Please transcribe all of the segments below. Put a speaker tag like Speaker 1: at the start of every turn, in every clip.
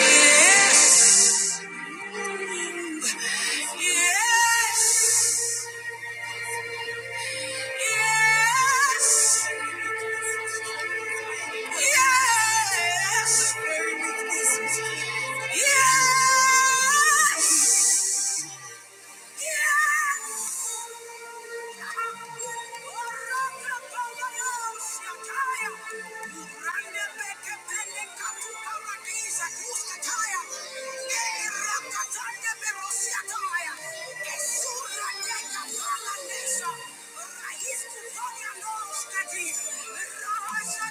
Speaker 1: Yes. Yes. Yes. Yes. Yes. Raisa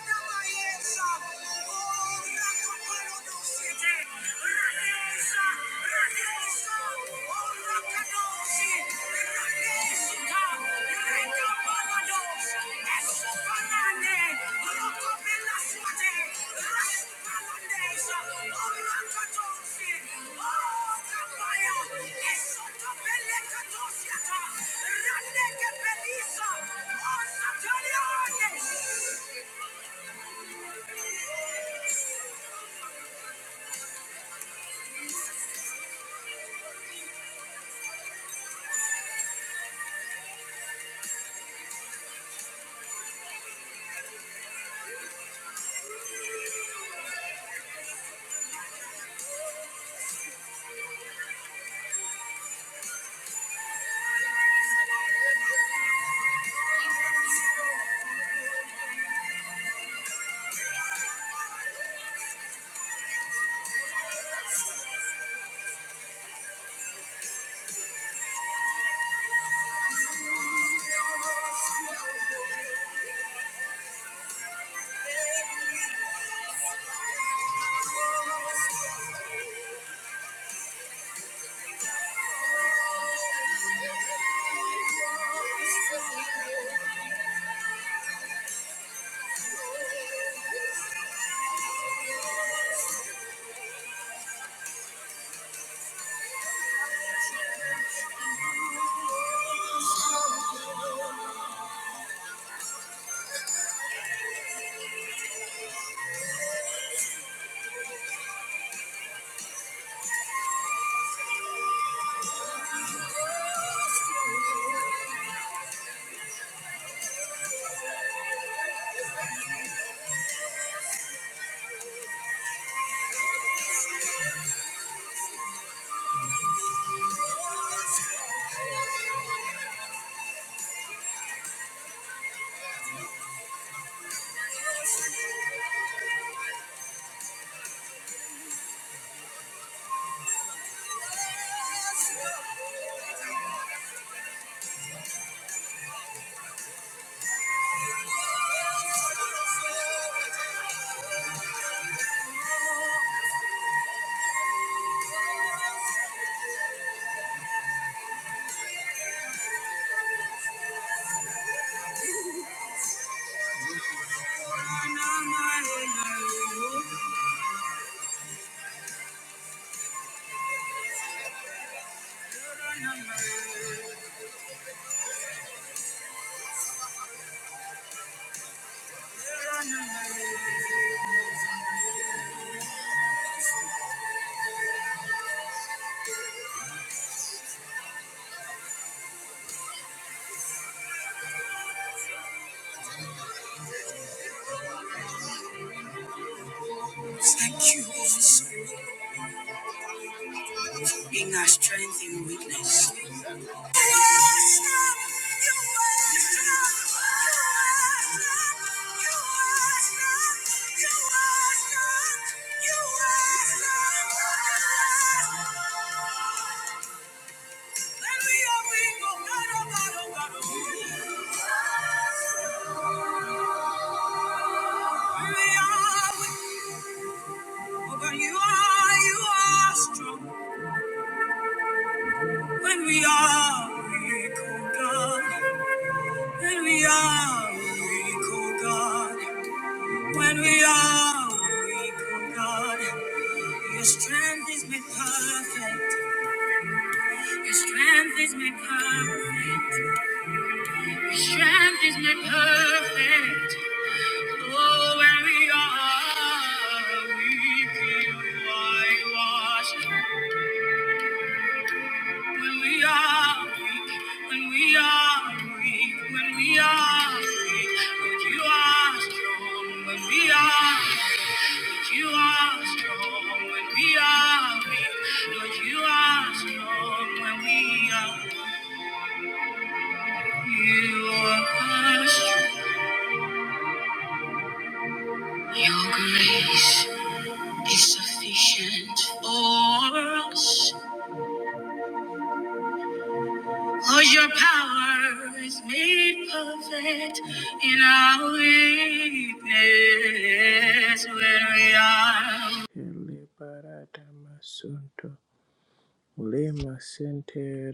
Speaker 1: da Baeza, oh, Rakoparodose, Oh, Thank you for being our strength in weakness. When we are weak, oh God. When we are weak, oh God, when we are weak, oh God, your strength is made perfect. Your strength is made perfect. Your strength is made perfect. Oh, when we are weak, you are washed. When we are weak, when we are weak, when we are weak, but you are strong. When we are Like You are strong when we are weak. Lord, you are strong when we are. weak. You are strong. Your grace is sufficient for us. Lord, your power is made perfect in our weakness when we are.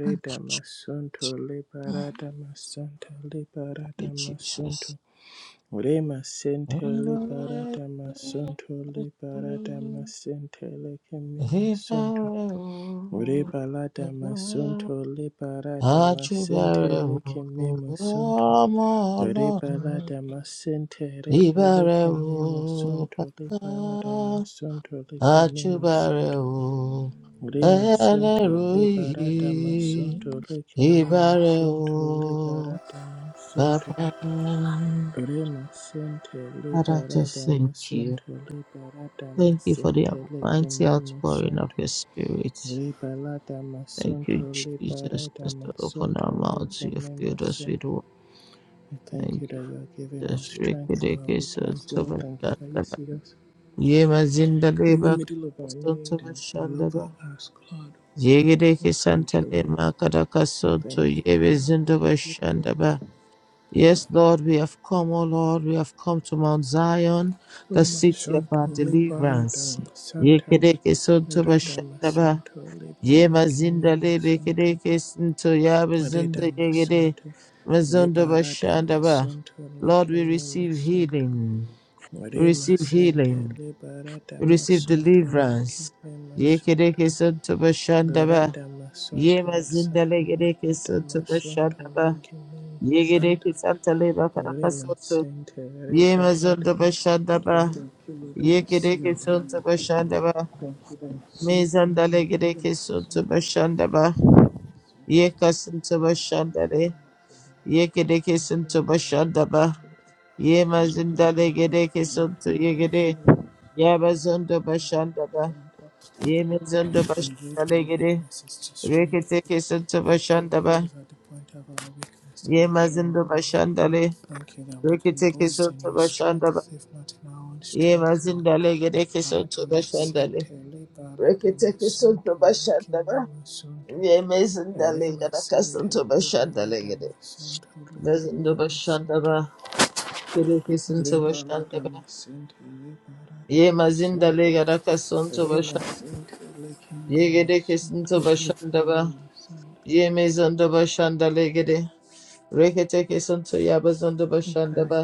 Speaker 2: Thank you, Jesus. Amen. Àjùbẹ̀rẹ̀ wò ọmọ Ọlọ́run, ìbẹ̀rẹ̀ wò bàbá, àjùbẹ̀rẹ̀ wò ẹlẹ́rù yìí, ìbẹ̀rẹ̀ wò bàbá. Father, I just thank you. Thank you for the mighty outpouring of your spirit. Thank you, Jesus. Just to open our mouths, you have filled us with words. Thank you, Jesus. Rekedeke sontoma shandaba. Yema zindaleba sontoma shandaba. Yegedeke santale makadaka sonto yebe zindoba shandaba. Yes, Lord, we have come, O Lord, we have come to Mount Zion, the city of our deliverance. Yekedeke sontoma shandaba. Ye mazinda lebe kede kesinto ya bazinda yegede mazondo bashanda ba. Lord, we receive healing. We receive healing. We receive deliverance. Ye kede kesinto bashanda ba. Ye mazinda legede kesinto bashanda ba. Ye gede kesanta le bakara karakasoto. Ye mazondo bashanda ba. Ye kede kesinto bashanda ba. Mezanda legede kesinto bashanda ba. Ye kasinta bashandare. Ye kede kesinta bashandaba. Ye mazindale gede kesinta ye gede. Ya bazonda bashandaba. Ye mazonda bashandale gede. Rekete kesinta bashandaba. Ye mazinda bashandale. Rekete kesinta bashandaba. Ye mazindale gede kesinta bashandale. Rekete kesinta bashandaba. Ye mazindale gede kesinta bashandale gede. Mazonda bashandaba. Gerekesin başında be. Yemezin de legara kason to başında. Ye gerekesin to başında be. Yemezin de başında legere. Rekete kesin to yabazın da başında be.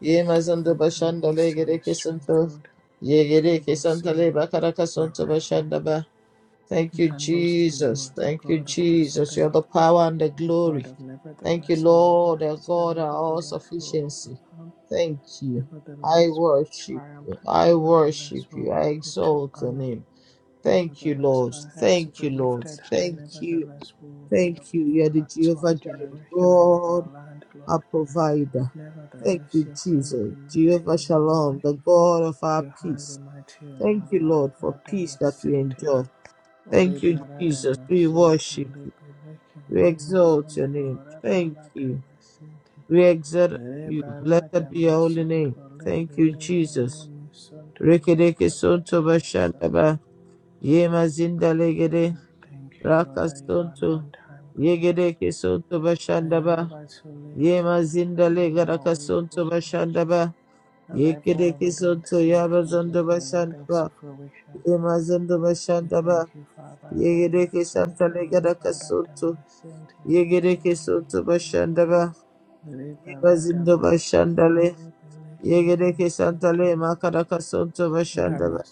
Speaker 2: Yemezin de başında legere kesin to. Ye gerekesin to le bakara kason to başında ba. Thank you, Jesus. Thank you, Jesus. You are the power and the glory. Thank you, Lord, our God, our all sufficiency. Thank you. I worship you. I worship you. I exalt your name. Thank you, Lord. Thank you, Lord. Thank you. Thank you. You are the Jehovah Jireh, God, our provider. Thank you, Jesus. Jehovah Shalom, the God of our peace. Thank you, Lord, for peace that we enjoy. Thank you, Jesus. We worship you. We exalt your name. Thank you. We exalt you. Blessed be your holy name. Thank you, Jesus. Rekedeke sonto bashandaba. Yema zinda legede. Raka sonto. Yegedeke sonto bashandaba. Yema zinda legaraka sonto bashandaba. Yekedeke sonto yaba bashandaba. Yema zondo bashandaba. Yegedeke santa legaraka sonto. Yegereke soto bashandaba. Yebazindo bashandale. Yegereke santale makaraka soto bashandaba.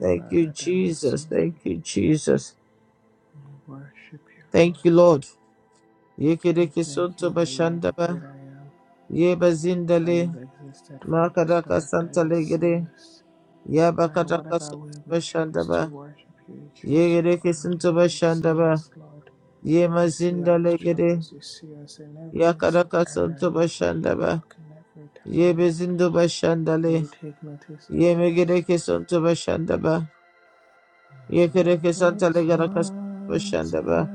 Speaker 2: Thank you, Jesus. Thank you, Jesus. Thank you, Lord. Yegereke soto bashandaba. Yebazindale makaraka santale gede. Yabakaraka soto bashandaba. Yegereke soto bashandaba. Yemazindale gede. Yakaraka soto bashandaba. Yebezindo bashandale. Ye megereke sonto bashandaba. Ye kereke santa legaraka bashandaba.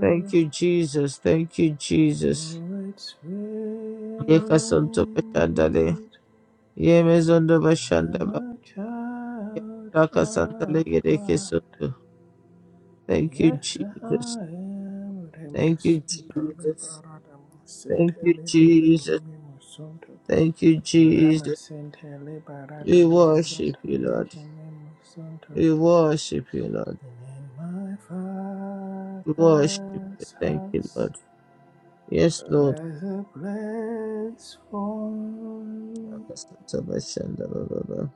Speaker 2: Thank you, Jesus. Thank you, Jesus. Ye kasonto bashandale. Ye mezondo bashandaba. Raka santa legereke sonto. Thank you, Jesus. Thank you, Jesus. Thank you, Jesus. Thank you, Jesus. We worship you, Lord. We worship you, Lord. We worship you. Thank you, Lord. Yes, Lord. Raka santa bashandaba. Lord.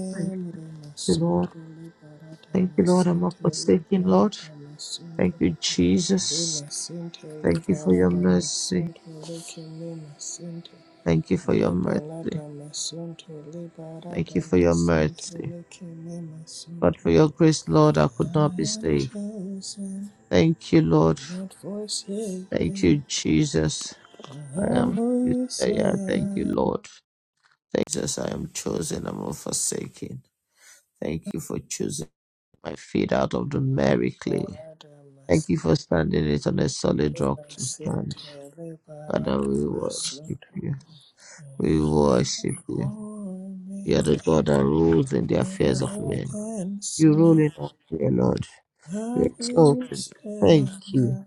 Speaker 2: Thank you, Lord. Thank you, Lord. I'm not forsaken, Lord. Thank you, Jesus. Thank you for your mercy. Thank you for your mercy. Thank you for your mercy. But for your grace, Lord, I could not be saved. Thank you, Lord. Thank you, Jesus. I am yeah, thank you, Lord. Thank Jesus, I am chosen. I'm not forsaken. Thank you for choosing my feet out of the merry clay. Thank you for standing it on a solid rock to stand. Father, we worship you. We worship you. You are the God that rules in the affairs of men. You rule in all fear, Lord. We exalt you. Thank you.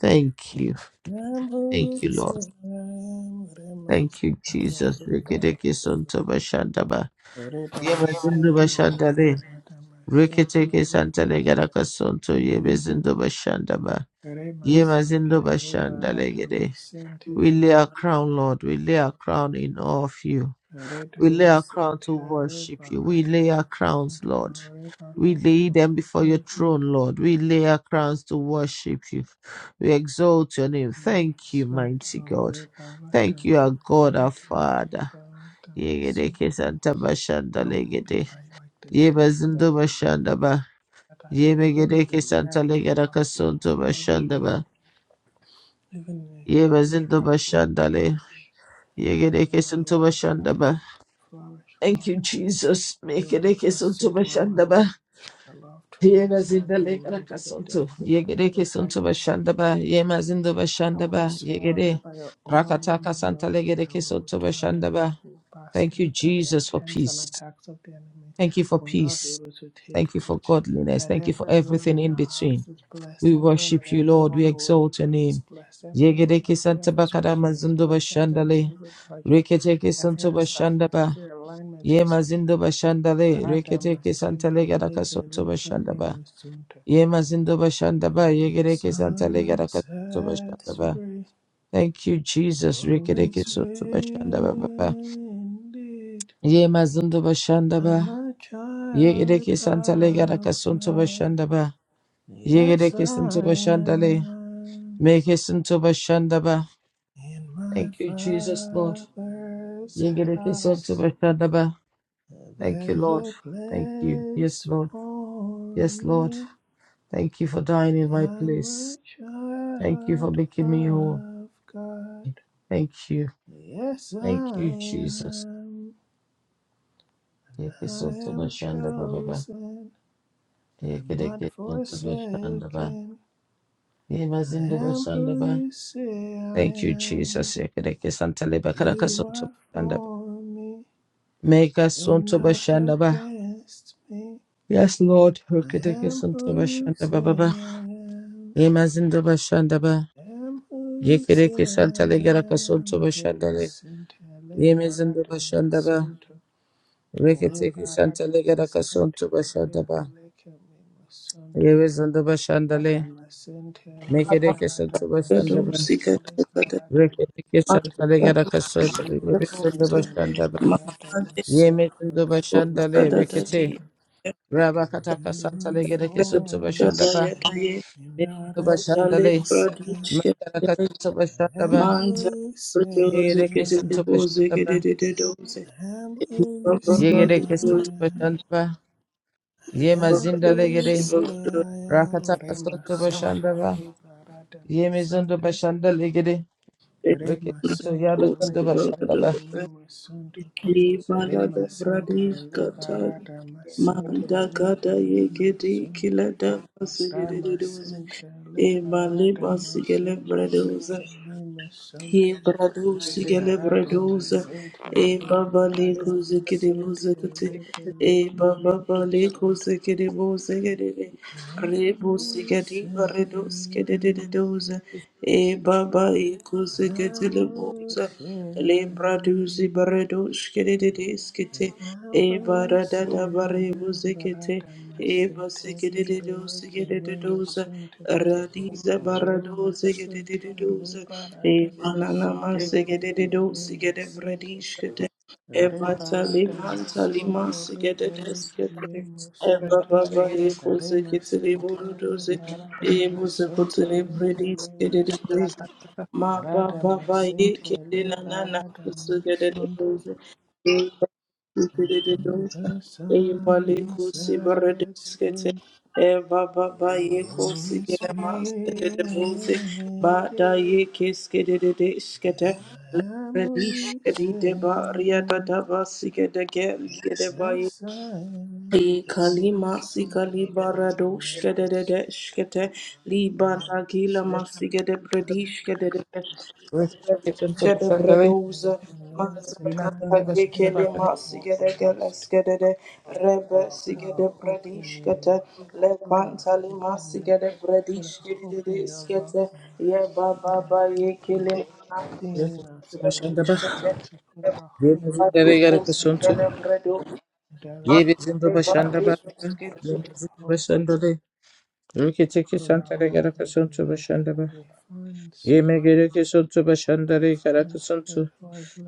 Speaker 2: Thank you. Thank you, Lord. Thank you, Jesus. Rikideke Santo Bashandaba. Yemazindo Bashandale. Rikideke Santale Garaka Santo Yebezindo Bashandaba. Yemazindo Bashandale Gede. We lay our crown, Lord. We lay our crown in awe of you. We lay our crown to worship you. We lay our crowns, Lord. We lay them before your throne, Lord. We lay our crowns to worship you. We exalt your name. Thank you, mighty God. Thank you, our God, our Father. Yegedeke Santa Bashanda Legede. Yebazindo Bashanda Ba. Yemegedeke Santa Legada Kasunto Bashanda Ba. Yebazindo Bashanda Le. Yegedeke Santo Bashanda Ba. Thank you, Jesus. Mekedeke Santo Bashanda Ba. Yega zindale karaka sonto. Yegere ke sonto bashanda ba. Yema zindo bashanda ba. Yegere. Rakataka santa legere ke sonto bashanda ba. Thank you, Jesus, for peace. Thank you for peace. Thank you for godliness. Thank you for everything in between. We worship you, Lord. We exalt your name. Yegere ke santa bakara mazindo bashanda le. Rekete ke sonto bashanda ba. Yema zindo bashanda le. Rekete ke santa legere ke sonto bashanda ba. Ye Yemazindo Bashandaba, Yegereke Santa Legaraka ba. Thank you, Jesus. Rikereke Soto bashanda ba, Baba. Yemazindo Bashandaba. Yegereke Santa Legaraka Sunto Bashandaba. Yegereke Sunto le, Make it Sunto ba. Thank you, Jesus, Lord. Yegereke Sunto ba. Thank you, Lord. Thank you. Yes, Lord. Yes, Lord. Thank you for dying in my place. Thank you for making me whole. Thank you. Thank you, Jesus. Yeke soto bashanda baba ba. Yeke deke soto bashanda ba. Yema zindo bashanda ba. Thank you, Jesus. Yeke deke santa leba karaka soto bashanda ba. Mega soto bashanda ba. Yes, Lord. Yeke deke soto bashanda baba ba. Yema zindo bashanda ba. Yeke deke santa lega raka soto bashanda le. Yeme zindo bashanda ba. Reke teke santa lega raka soto bashanda ba. Yeme zindo bashanda le. Mekereke santo
Speaker 3: Manza
Speaker 2: bashandaba. Rekereke santa legara kaso. Rebetundo bashandaba. Yemetundo bashandale rekete. Rabakataka santa legereke santo bashandaba. Metundo bashandale. Makaraka santo bashandaba.
Speaker 3: Protoze
Speaker 2: Yegereke santo
Speaker 3: Gedebose
Speaker 2: bashandaba.
Speaker 3: Gededose
Speaker 2: Yegereke santo bashandaba. Yemazinda legere. Rakataka santo bashandaba. Yemezundo bashandale legere. Reketunto yabazundo bashandaba. Jesus,
Speaker 3: Ibalada Bradish Gatai
Speaker 2: Yemezinde başında ba. Yemezinde
Speaker 3: Manda Gada Yegedi Kila Dava Sigede Doze Ebale Basigele Bradoze Ye brados gele bradosa e baba le kuze kede buze kete e baba ba le kuze kede buze kede de re buze kede brados kede de de doze e baba e kuze kete le buze le bradosi brados kede de de skete Ebara da da bare buzekete, eba segedede do segedede doza, radiza barado segedede doza, eba nanama segedede do segede bradishkete, eba taliman talima segedede skete, eba baba eko zekete leburu doze, ebu zekote lebrediskede doze, ma baba ba yeke de nanana segedede doze, Thank you. E kalima sikali barado shkede de de de shkete li baragila masige de bredi shkede de de shkede bredoza mazaka yekele masige de gele skede de rebe sige de bredi shkete le pantali masige de bredi shkede de de skete ye baba ba yekele masige de bredi shkete E
Speaker 2: başında da. Rükete kesantara gara kasuntu başında bak. Yemegereke sontu başanda re karaka sontu.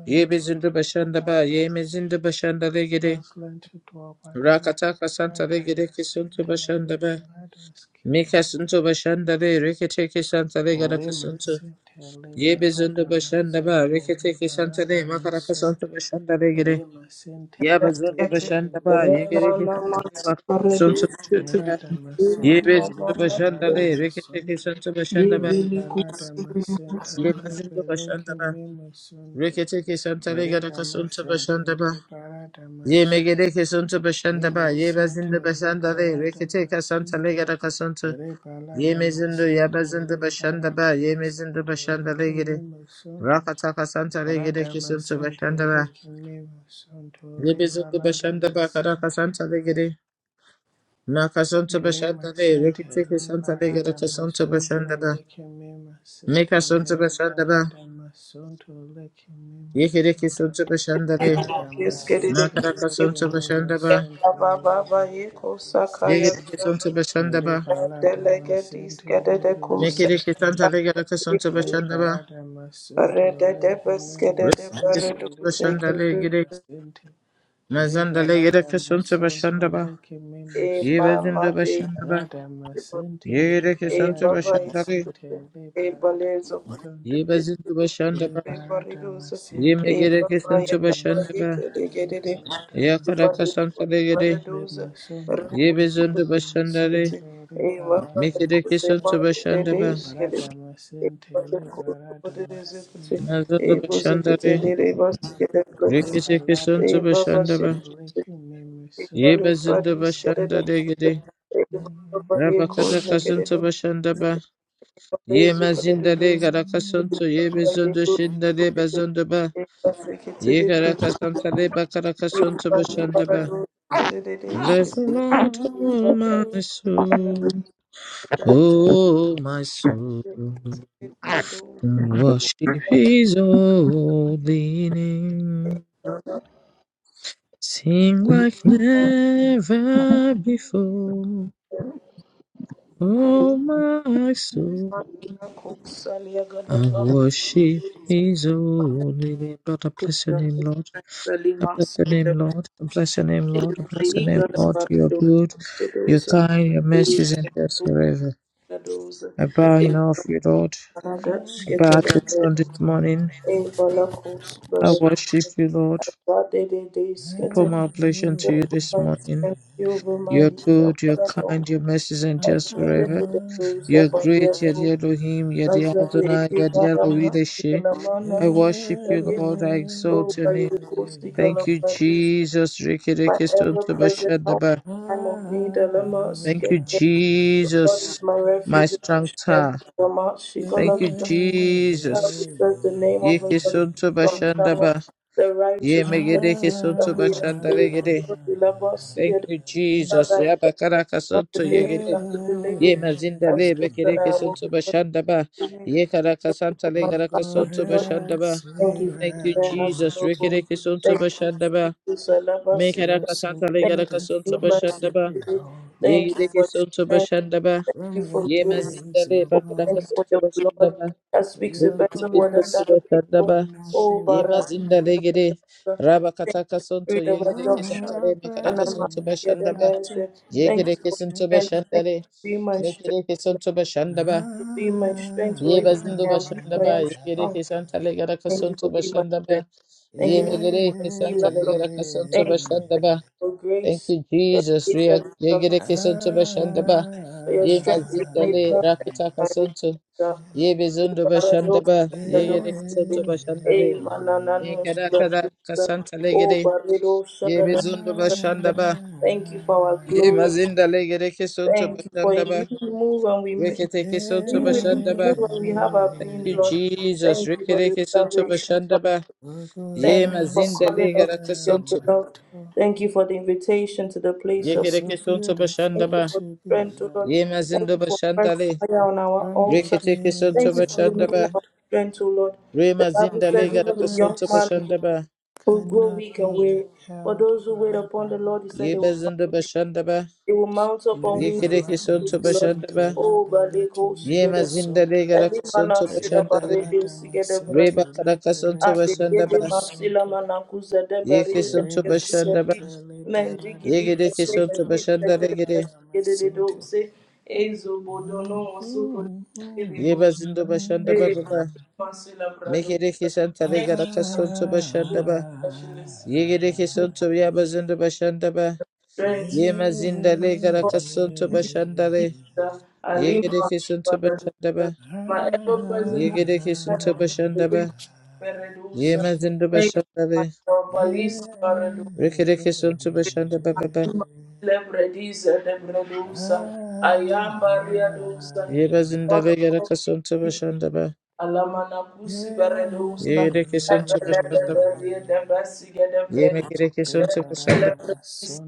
Speaker 2: Yebe zindu başanda ba. Yeme zindu başanda re gere. Rakataka santa re gereke sontu başanda ba. Mika sontu başanda re reketeke santa re karaka sontu. Yebe zindu başanda ba. Reketeke santa re makaraka sontu başanda re gere. Yebe zindu başanda ba. Yegereke sontu re makaraka sontu başanda ba. Yebe zindu başanda re reketeke sontu başanda ba. Yeme zindu başanda ba. Reketeke santare garaka sunta bashandaba. Ye megedeke sunta bashandaba. Ye bazinda bashandare. Reketeka santare garaka sunta. Ye mezindu ya bazinda bashandaba. Ye mezindu bashandare gede. Rakataka santare gedeke sunta bashandaba. Ye bezindu bashandaba karaka santare gede. Naka sunta bashandare. Reketeke santare garaka sunta bashandaba. Meka sunta bashandaba. Ye kereke sunta bashandare. Nakaraka sunta bashandaba. Dege deke sonto bashanda ba. Meke deke santa lege deke sonto bashanda ba. Re deke sonto bashanda lege deke. Mazanda lege deke sonto bashanda ba. Yebe zindo
Speaker 3: mama de
Speaker 2: bashanda ba. Yege deke
Speaker 3: e
Speaker 2: sonto
Speaker 3: baba
Speaker 2: bashanda le.
Speaker 3: e balezo
Speaker 2: Yebe zindo bashanda ba.
Speaker 3: Rebaridos,
Speaker 2: Ye mege
Speaker 3: e
Speaker 2: deke sonto
Speaker 3: papaya
Speaker 2: bashanda
Speaker 3: papaya
Speaker 2: ba.
Speaker 3: kede kede de,
Speaker 2: Ya kadaka santa lege de.
Speaker 3: rebaridos,
Speaker 2: Yebe
Speaker 3: rebaridos,
Speaker 2: zindo bashanda le.
Speaker 3: e papaya
Speaker 2: Meke deke
Speaker 3: kute
Speaker 2: sonto
Speaker 3: papaya
Speaker 2: bashanda ba.
Speaker 3: des kede, e papaya kute des kute,
Speaker 2: Mazanda
Speaker 3: e boze
Speaker 2: bashanda
Speaker 3: kete
Speaker 2: le.
Speaker 3: de rebas kede
Speaker 2: Reke
Speaker 3: kute,
Speaker 2: deke
Speaker 3: e
Speaker 2: sonto
Speaker 3: baba
Speaker 2: bashanda
Speaker 3: se,
Speaker 2: ba.
Speaker 3: e pale
Speaker 2: Yebe zindo
Speaker 3: pradis kede
Speaker 2: bashanda
Speaker 3: de,
Speaker 2: lege de.
Speaker 3: e papaya
Speaker 2: Rabakata
Speaker 3: kute kede
Speaker 2: kasunto
Speaker 3: do,
Speaker 2: bashanda ba.
Speaker 3: papaya
Speaker 2: Ye
Speaker 3: zu kede do
Speaker 2: mazinda
Speaker 3: do,
Speaker 2: le garakasunto ye
Speaker 3: papaya
Speaker 2: bezondo shinda
Speaker 3: kute
Speaker 2: le
Speaker 3: kede,
Speaker 2: bazondo ba. Ye
Speaker 3: e
Speaker 2: garakasanta le
Speaker 3: Thank
Speaker 2: bakarakasonto bashanda ba. Bless the Lord, oh my soul, O my soul,
Speaker 3: you.
Speaker 2: and worship His holy name. Sing like never before, O my soul. I worship His holy name. Lord, I bless your name, Lord. I bless your name, Lord. I bless your name, Lord. I bless your name, Lord. You are good. You're kind, your mercies endures forever. I bow in awe of you, Lord. I bow to your throne this morning. I worship you, Lord. I pour my oblation to you this morning.
Speaker 3: Thank you, my
Speaker 2: You're good, you're
Speaker 3: Father.
Speaker 2: kind, your mercies endures forever.
Speaker 3: Azabede doza
Speaker 2: You're great, you're
Speaker 3: babiaru,
Speaker 2: the Elohim, you're the Adonai,
Speaker 3: azabede
Speaker 2: you're the
Speaker 3: karama,
Speaker 2: Elohim.
Speaker 3: ikanamana
Speaker 2: I worship you,
Speaker 3: kusari,
Speaker 2: Lord. I
Speaker 3: o
Speaker 2: exalt your name.
Speaker 3: kairu kusikala
Speaker 2: Thank you, Jesus.
Speaker 3: my ever present help in
Speaker 2: Rikidikisontabashadaba.
Speaker 3: time of need, dilemma,
Speaker 2: Thank
Speaker 3: together.
Speaker 2: you,
Speaker 3: God
Speaker 2: Jesus.
Speaker 3: is my
Speaker 2: My
Speaker 3: refuge and my
Speaker 2: strong
Speaker 3: strength,
Speaker 2: tower.
Speaker 3: dilemma,
Speaker 2: Thank you,
Speaker 3: Shikalaka.
Speaker 2: Jesus.
Speaker 3: says the name of the Lord is a strong tower.
Speaker 2: Yikisontabashandaba.
Speaker 3: The righteous run into it and they are safe.
Speaker 2: Yemegedekisontabashandalegede.
Speaker 3: Lord, dilemma,
Speaker 2: Thank
Speaker 3: together.
Speaker 2: you, Jesus.
Speaker 3: Father, I thank you for not the
Speaker 2: Yabakarakasanto
Speaker 3: day we
Speaker 2: yegede.
Speaker 3: have to be living.
Speaker 2: Yemazinda
Speaker 3: I sit and I walk because
Speaker 2: lebekerekisontabashandaba.
Speaker 3: of you. Thank you
Speaker 2: Yekarakasanta
Speaker 3: for my family, Lord.
Speaker 2: legarakasontabashandaba.
Speaker 3: Thank you for
Speaker 2: Thank
Speaker 3: the
Speaker 2: you,
Speaker 3: prayer has
Speaker 2: Jesus.
Speaker 3: no hope. Thank you,
Speaker 2: Rikidikisontabashandaba.
Speaker 3: Jesus. I love us.
Speaker 2: Mekarakasanta
Speaker 3: Thank you for mercy
Speaker 2: legarakasontabashandaba.
Speaker 3: today.
Speaker 2: Ye
Speaker 3: Thank you
Speaker 2: deke
Speaker 3: for
Speaker 2: sonto
Speaker 3: strength.
Speaker 2: bashanda ba.
Speaker 3: Thank you for
Speaker 2: Ye
Speaker 3: grace.
Speaker 2: mazinda le
Speaker 3: Oh,
Speaker 2: bakaraka
Speaker 3: thank you for
Speaker 2: sonto
Speaker 3: your blood
Speaker 2: bashanda ba.
Speaker 3: that speaks a
Speaker 2: Deke
Speaker 3: better
Speaker 2: teke
Speaker 3: word than
Speaker 2: sonto
Speaker 3: that of
Speaker 2: bashanda
Speaker 3: Abel.
Speaker 2: ba.
Speaker 3: Oh,
Speaker 2: Ye
Speaker 3: Barati,
Speaker 2: mazinda le gede.
Speaker 3: thank
Speaker 2: Raba kataka
Speaker 3: you for
Speaker 2: sonto ye
Speaker 3: freedom of
Speaker 2: gede ke
Speaker 3: adoption.
Speaker 2: shanta le
Speaker 3: And
Speaker 2: makaraka
Speaker 3: I'm
Speaker 2: sonto
Speaker 3: together,
Speaker 2: bashanda ba. Ye
Speaker 3: Thank
Speaker 2: gede
Speaker 3: you
Speaker 2: ke
Speaker 3: for
Speaker 2: sonto
Speaker 3: strength.
Speaker 2: bashanda
Speaker 3: Thank you
Speaker 2: le.
Speaker 3: for being my
Speaker 2: Me
Speaker 3: strength.
Speaker 2: gede ke sonto bashanda ba.
Speaker 3: Be my strength, for
Speaker 2: Ye
Speaker 3: even when
Speaker 2: bazindo
Speaker 3: I am weak,
Speaker 2: bashanda
Speaker 3: I
Speaker 2: ba.
Speaker 3: am
Speaker 2: Ye gede
Speaker 3: strong.
Speaker 2: ke shanta le garaka
Speaker 3: Thank you
Speaker 2: sonto
Speaker 3: for being my
Speaker 2: bashanda
Speaker 3: friend.
Speaker 2: ba.
Speaker 3: Thank
Speaker 2: Ye
Speaker 3: you
Speaker 2: me
Speaker 3: for being my
Speaker 2: gede ke shanta
Speaker 3: healer,
Speaker 2: le
Speaker 3: Lord.
Speaker 2: garaka sonto
Speaker 3: Thank you
Speaker 2: bashanda
Speaker 3: thank
Speaker 2: ba.
Speaker 3: you for
Speaker 2: Thank
Speaker 3: grace.
Speaker 2: you,
Speaker 3: Your
Speaker 2: Jesus.
Speaker 3: grace that
Speaker 2: Ria-
Speaker 3: is
Speaker 2: Yegere kesonto
Speaker 3: sufficient. Lord.
Speaker 2: bashandaba.
Speaker 3: For your
Speaker 2: Ye
Speaker 3: strength is made
Speaker 2: mazindale
Speaker 3: perfect in
Speaker 2: rakata
Speaker 3: my weakness.
Speaker 2: kasonto.
Speaker 3: Lord.
Speaker 2: Ye bezondo
Speaker 3: Barados,
Speaker 2: bashandaba.
Speaker 3: barados,
Speaker 2: Yegere
Speaker 3: eh,
Speaker 2: kesonto
Speaker 3: eh,
Speaker 2: bashandabe.
Speaker 3: manananos,
Speaker 2: Mekada kada
Speaker 3: barados, eh,
Speaker 2: kasanta
Speaker 3: Oh,
Speaker 2: legere.
Speaker 3: barados,
Speaker 2: Ye bezondo
Speaker 3: shagadados, eh.
Speaker 2: bashandaba.
Speaker 3: Thank you for our
Speaker 2: Ye
Speaker 3: glory.
Speaker 2: mazindale gere kesonto
Speaker 3: Thank you for in you
Speaker 2: bashandaba.
Speaker 3: we move and we make.
Speaker 2: Rekete kesonto
Speaker 3: You will live, we
Speaker 2: bashandaba.
Speaker 3: move, and we have our
Speaker 2: Thank
Speaker 3: being,
Speaker 2: you,
Speaker 3: Lord.
Speaker 2: Jesus.
Speaker 3: Thank you for
Speaker 2: Rekere
Speaker 3: the
Speaker 2: kesonto
Speaker 3: salvation.
Speaker 2: bashandaba.
Speaker 3: Thank
Speaker 2: Ye
Speaker 3: you for calling
Speaker 2: mazindale
Speaker 3: us
Speaker 2: gara
Speaker 3: your
Speaker 2: kesonto.
Speaker 3: beloved. Thank you for the invitation to the place of
Speaker 2: Yegere
Speaker 3: prayer.
Speaker 2: kesonto
Speaker 3: Thank you
Speaker 2: bashandaba.
Speaker 3: for strength, O Lord.
Speaker 2: Ye
Speaker 3: Thank
Speaker 2: mazindo
Speaker 3: you for fresh
Speaker 2: bashandale.
Speaker 3: fire on our altar.
Speaker 2: Reketeke Santo
Speaker 3: Thank you for renewing
Speaker 2: Bashandaba,
Speaker 3: our strength, O Lord. The
Speaker 2: Rema
Speaker 3: Bible
Speaker 2: Zinda
Speaker 3: says
Speaker 2: Lega
Speaker 3: even
Speaker 2: raka
Speaker 3: the young
Speaker 2: Santo
Speaker 3: man
Speaker 2: Bashandaba,
Speaker 3: will grow weak and weary. But those who wait upon the Lord, he said they
Speaker 2: Yeba
Speaker 3: will
Speaker 2: Zinda
Speaker 3: find.
Speaker 2: Bashandaba,
Speaker 3: They will mount up on wings with
Speaker 2: Yekereke
Speaker 3: eagles,
Speaker 2: Santo
Speaker 3: O Lord.
Speaker 2: Bashandaba,
Speaker 3: Oh, Baleko,
Speaker 2: Yema
Speaker 3: together.
Speaker 2: Zinda Lega
Speaker 3: Every
Speaker 2: raka
Speaker 3: man
Speaker 2: Santo
Speaker 3: of Sina,
Speaker 2: Bashandare,
Speaker 3: Baleko, together,
Speaker 2: Reba Karaka Santo
Speaker 3: Adigidi
Speaker 2: Bashandaba,
Speaker 3: masila manakuze de
Speaker 2: Yeke
Speaker 3: berinde de
Speaker 2: Santo
Speaker 3: kesuze
Speaker 2: Bashandaba,
Speaker 3: di mendigidi
Speaker 2: Yegereke
Speaker 3: mesege
Speaker 2: Santo
Speaker 3: di sege de
Speaker 2: Bashandaregere,
Speaker 3: mesege de de dose ezo bodono masuko de kelebo
Speaker 2: Yeba Zindo
Speaker 3: e
Speaker 2: Bashandaba Baba,
Speaker 3: masila brado
Speaker 2: Mekereke
Speaker 3: Thank you,
Speaker 2: Santa Lega raka
Speaker 3: Lord, for
Speaker 2: Santo
Speaker 3: your
Speaker 2: Bashandaba,
Speaker 3: specialist
Speaker 2: Yegereke Santo Yaba Zindo Bashandaba,
Speaker 3: strength
Speaker 2: Yema Zinda Lega raka Santo Bashandare,
Speaker 3: Lisa,
Speaker 2: Yegede
Speaker 3: Alima,
Speaker 2: kishin to
Speaker 3: Brother Lisa,
Speaker 2: bashandaba.
Speaker 3: my ever present help
Speaker 2: Yegede kishin to
Speaker 3: in the living
Speaker 2: bashandaba.
Speaker 3: Beredusa,
Speaker 2: Yema zindu
Speaker 3: thank you, my
Speaker 2: bashandale.
Speaker 3: Lord, Balisa, Beredusa,
Speaker 2: Rikede kishin to bashandaba baba.
Speaker 3: Lebrediza, Lebredusa, Ayam Bariadusa,
Speaker 2: Yeba
Speaker 3: God
Speaker 2: zindale
Speaker 3: of
Speaker 2: yada
Speaker 3: all
Speaker 2: kishin to
Speaker 3: peace,
Speaker 2: bashandaba.
Speaker 3: Alamana Pusi Beredusa,
Speaker 2: Yegede kishin to
Speaker 3: Ebelebe
Speaker 2: bashandaba.
Speaker 3: Beria, Debasiga,
Speaker 2: Yeme
Speaker 3: Debredusa,
Speaker 2: gede kishin to bashandaba.
Speaker 3: Lebredisi,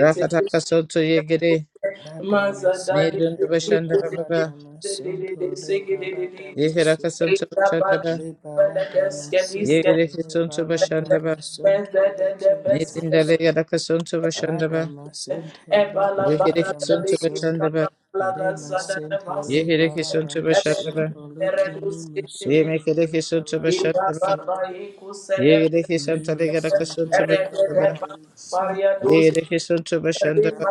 Speaker 2: Rakata kishin to yegede.
Speaker 3: Mazada de
Speaker 2: Medundu
Speaker 3: de de
Speaker 2: bashandaba baba.
Speaker 3: de de de sege de de de
Speaker 2: Yegede kishin to
Speaker 3: Ela bad
Speaker 2: bashandaba.
Speaker 3: bala deske diske
Speaker 2: Yegede kishin to bashandaba.
Speaker 3: Beze de de besi de
Speaker 2: Mezindale yada kishin to bashandaba.
Speaker 3: de Ebala
Speaker 2: Yegede
Speaker 3: bala da
Speaker 2: kishin
Speaker 3: de
Speaker 2: to
Speaker 3: ki sana
Speaker 2: bashandaba.
Speaker 3: bala gaza da de basi
Speaker 2: Yegede kishin to
Speaker 3: Ede
Speaker 2: bashandaba.
Speaker 3: ere duske de
Speaker 2: Ye
Speaker 3: de
Speaker 2: make a decision to
Speaker 3: Ida
Speaker 2: Bashandaba.
Speaker 3: baba iku sede
Speaker 2: Ye decision to Legadacasun to
Speaker 3: Ere de de
Speaker 2: Bashandaba.
Speaker 3: Maria
Speaker 2: Ye
Speaker 3: dosi,
Speaker 2: decision to
Speaker 3: Maria
Speaker 2: Bashandaba.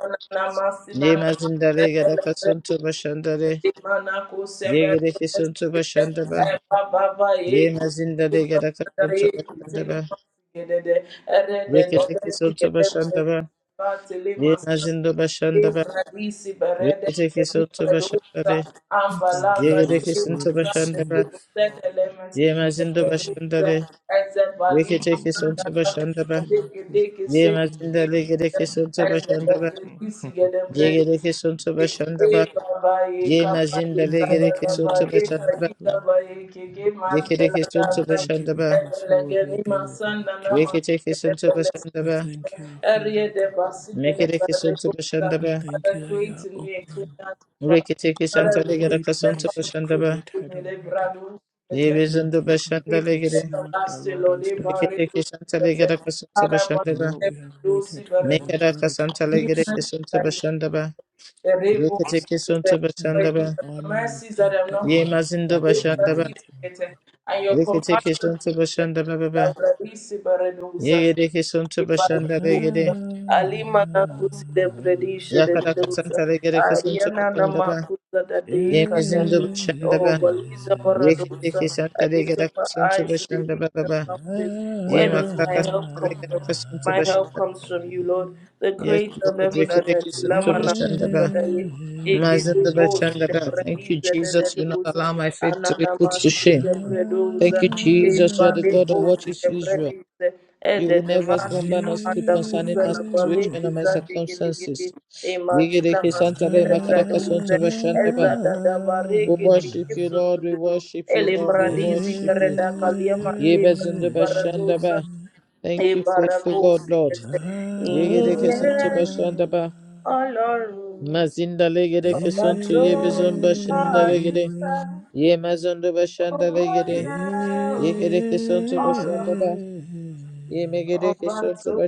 Speaker 2: Ye
Speaker 3: Namasina,
Speaker 2: Mazinda Legadacasun to Bashandare.
Speaker 3: Imanako seber
Speaker 2: Ye decision to Bashandaba.
Speaker 3: baba ye
Speaker 2: Ye Mazinda Legadacasun to
Speaker 3: ye tele
Speaker 2: Bashandaba.
Speaker 3: masigede de ere de de de
Speaker 2: Rikitikisun to
Speaker 3: sigede de
Speaker 2: Bashandaba.
Speaker 3: ba tele
Speaker 2: Ye Mazindo
Speaker 3: masigede
Speaker 2: Bashandaba.
Speaker 3: Ibradisi berede sebi
Speaker 2: Rikitikisun to
Speaker 3: bredusa
Speaker 2: Bashandare.
Speaker 3: ambalaga
Speaker 2: Ye
Speaker 3: tele
Speaker 2: decision to
Speaker 3: masande de
Speaker 2: Bashandaba.
Speaker 3: sede le
Speaker 2: Ye
Speaker 3: masigede
Speaker 2: Mazindo
Speaker 3: bredusa
Speaker 2: Bashandare.
Speaker 3: eze bali
Speaker 2: Rikitikisun
Speaker 3: masanda
Speaker 2: to Bashandaba.
Speaker 3: de de de
Speaker 2: Ye
Speaker 3: se de
Speaker 2: Mazinda
Speaker 3: de
Speaker 2: Legadacasun to
Speaker 3: eze
Speaker 2: Bashandaba.
Speaker 3: de bredisi
Speaker 2: Yegereke sonto bashandaba.
Speaker 3: Father,
Speaker 2: Ye mazinda legereke sonto bashandaba. Yekereke sonto bashandaba. Reketeke sonto bashandaba. Mekereke sonto bashandaba.
Speaker 3: create in me a clean heart, O God.
Speaker 2: Reketeke santa
Speaker 3: Father, renew my
Speaker 2: legeraka sonto
Speaker 3: steadfast spirit
Speaker 2: bashandaba.
Speaker 3: within me, Lebrado, Sete.
Speaker 2: Yebezondo
Speaker 3: And
Speaker 2: bashanda
Speaker 3: give me
Speaker 2: legere.
Speaker 3: everlasting, Lord, Ebaredo,
Speaker 2: Reketeke santa
Speaker 3: Sete.
Speaker 2: legeraka sonto
Speaker 3: Father, but
Speaker 2: bashandaba.
Speaker 3: never do see, but renew,
Speaker 2: Mekeraka santa
Speaker 3: Sete. Give
Speaker 2: legereke
Speaker 3: mercy,
Speaker 2: sonto
Speaker 3: that is
Speaker 2: bashandaba.
Speaker 3: the rainbow is
Speaker 2: Reketeke
Speaker 3: the
Speaker 2: sonto
Speaker 3: but
Speaker 2: bashandaba.
Speaker 3: the mercies that I'm not
Speaker 2: Ye
Speaker 3: consumed, the
Speaker 2: mazindo
Speaker 3: rainbow that
Speaker 2: bashandaba.
Speaker 3: is created, and your
Speaker 2: Reketeke
Speaker 3: compassion is
Speaker 2: sonto
Speaker 3: greater.
Speaker 2: bashandaba baba.
Speaker 3: The
Speaker 2: Yegereke sonto bashanda legere.
Speaker 3: Alima na kusi de bredisha de
Speaker 2: Yakara
Speaker 3: deusa.
Speaker 2: kasantara gere kasantu
Speaker 3: Ariana na
Speaker 2: başında ba.
Speaker 3: makusa da deka da
Speaker 2: Yemezin de
Speaker 3: de.
Speaker 2: başında
Speaker 3: Oh,
Speaker 2: ba.
Speaker 3: Baliza
Speaker 2: Vekilde
Speaker 3: Baradosa. I
Speaker 2: kesantara
Speaker 3: lift
Speaker 2: gere
Speaker 3: up my
Speaker 2: kasantu
Speaker 3: eyes to the
Speaker 2: başında ba
Speaker 3: hills and
Speaker 2: baba.
Speaker 3: mountains. Where
Speaker 2: Yem
Speaker 3: does
Speaker 2: akla
Speaker 3: my help
Speaker 2: kasantara
Speaker 3: come
Speaker 2: gere
Speaker 3: from?
Speaker 2: kasantu
Speaker 3: My help
Speaker 2: başında.
Speaker 3: comes from you, Lord, the
Speaker 2: Yes
Speaker 3: creator of
Speaker 2: Lord,
Speaker 3: heaven and
Speaker 2: vekilde
Speaker 3: earth. Lama
Speaker 2: kesantu
Speaker 3: na
Speaker 2: başında
Speaker 3: kusa
Speaker 2: ba.
Speaker 3: da ye.
Speaker 2: Mazin de
Speaker 3: Eketubosi
Speaker 2: başında
Speaker 3: de
Speaker 2: ba. Thank you
Speaker 3: brediza de
Speaker 2: Jesus, you not
Speaker 3: deduza,
Speaker 2: allow my faith to be put to
Speaker 3: ananamasi
Speaker 2: shame.
Speaker 3: de
Speaker 2: Thank
Speaker 3: breduza,
Speaker 2: you Jesus, you are the God of what
Speaker 3: epadekosi
Speaker 2: is
Speaker 3: de
Speaker 2: Israel.
Speaker 3: brediza,
Speaker 2: You
Speaker 3: ede
Speaker 2: will
Speaker 3: de
Speaker 2: never
Speaker 3: masi
Speaker 2: slumber
Speaker 3: na
Speaker 2: nor sleep
Speaker 3: manda
Speaker 2: concerning
Speaker 3: kuza
Speaker 2: my
Speaker 3: na
Speaker 2: situation
Speaker 3: baleki
Speaker 2: and my
Speaker 3: za
Speaker 2: circumstances.
Speaker 3: tegeligidi,
Speaker 2: Vekilde
Speaker 3: emantila masi de
Speaker 2: kesantara makara
Speaker 3: breduza,
Speaker 2: kasantu başında ba.
Speaker 3: eza da da
Speaker 2: We
Speaker 3: varege de
Speaker 2: worship you,
Speaker 3: kipsu
Speaker 2: Lord. We
Speaker 3: tudu,
Speaker 2: worship you,
Speaker 3: ele
Speaker 2: Lord. We
Speaker 3: mradisi
Speaker 2: worship
Speaker 3: de
Speaker 2: you.
Speaker 3: reda kalia mande kadu
Speaker 2: Yebezindaba
Speaker 3: baraduza,
Speaker 2: Shandaba. Thank
Speaker 3: e
Speaker 2: you, faithful God,
Speaker 3: barakosi
Speaker 2: Lord.
Speaker 3: de te,
Speaker 2: Yegedeke Santoba Shandaba. Mazinda Legedeke
Speaker 3: Ọba
Speaker 2: Santo
Speaker 3: tó ń
Speaker 2: Yebezumba
Speaker 3: bá a
Speaker 2: Shindalegede.
Speaker 3: dúpẹ́,
Speaker 2: Yemazundaba
Speaker 3: ògo
Speaker 2: Shandalegede.
Speaker 3: yẹ ọ́,
Speaker 2: Yegedeke Santoba
Speaker 3: Ọlọ́run.
Speaker 2: Shandaba. Yemegedeke
Speaker 3: Ọba tó
Speaker 2: Santoba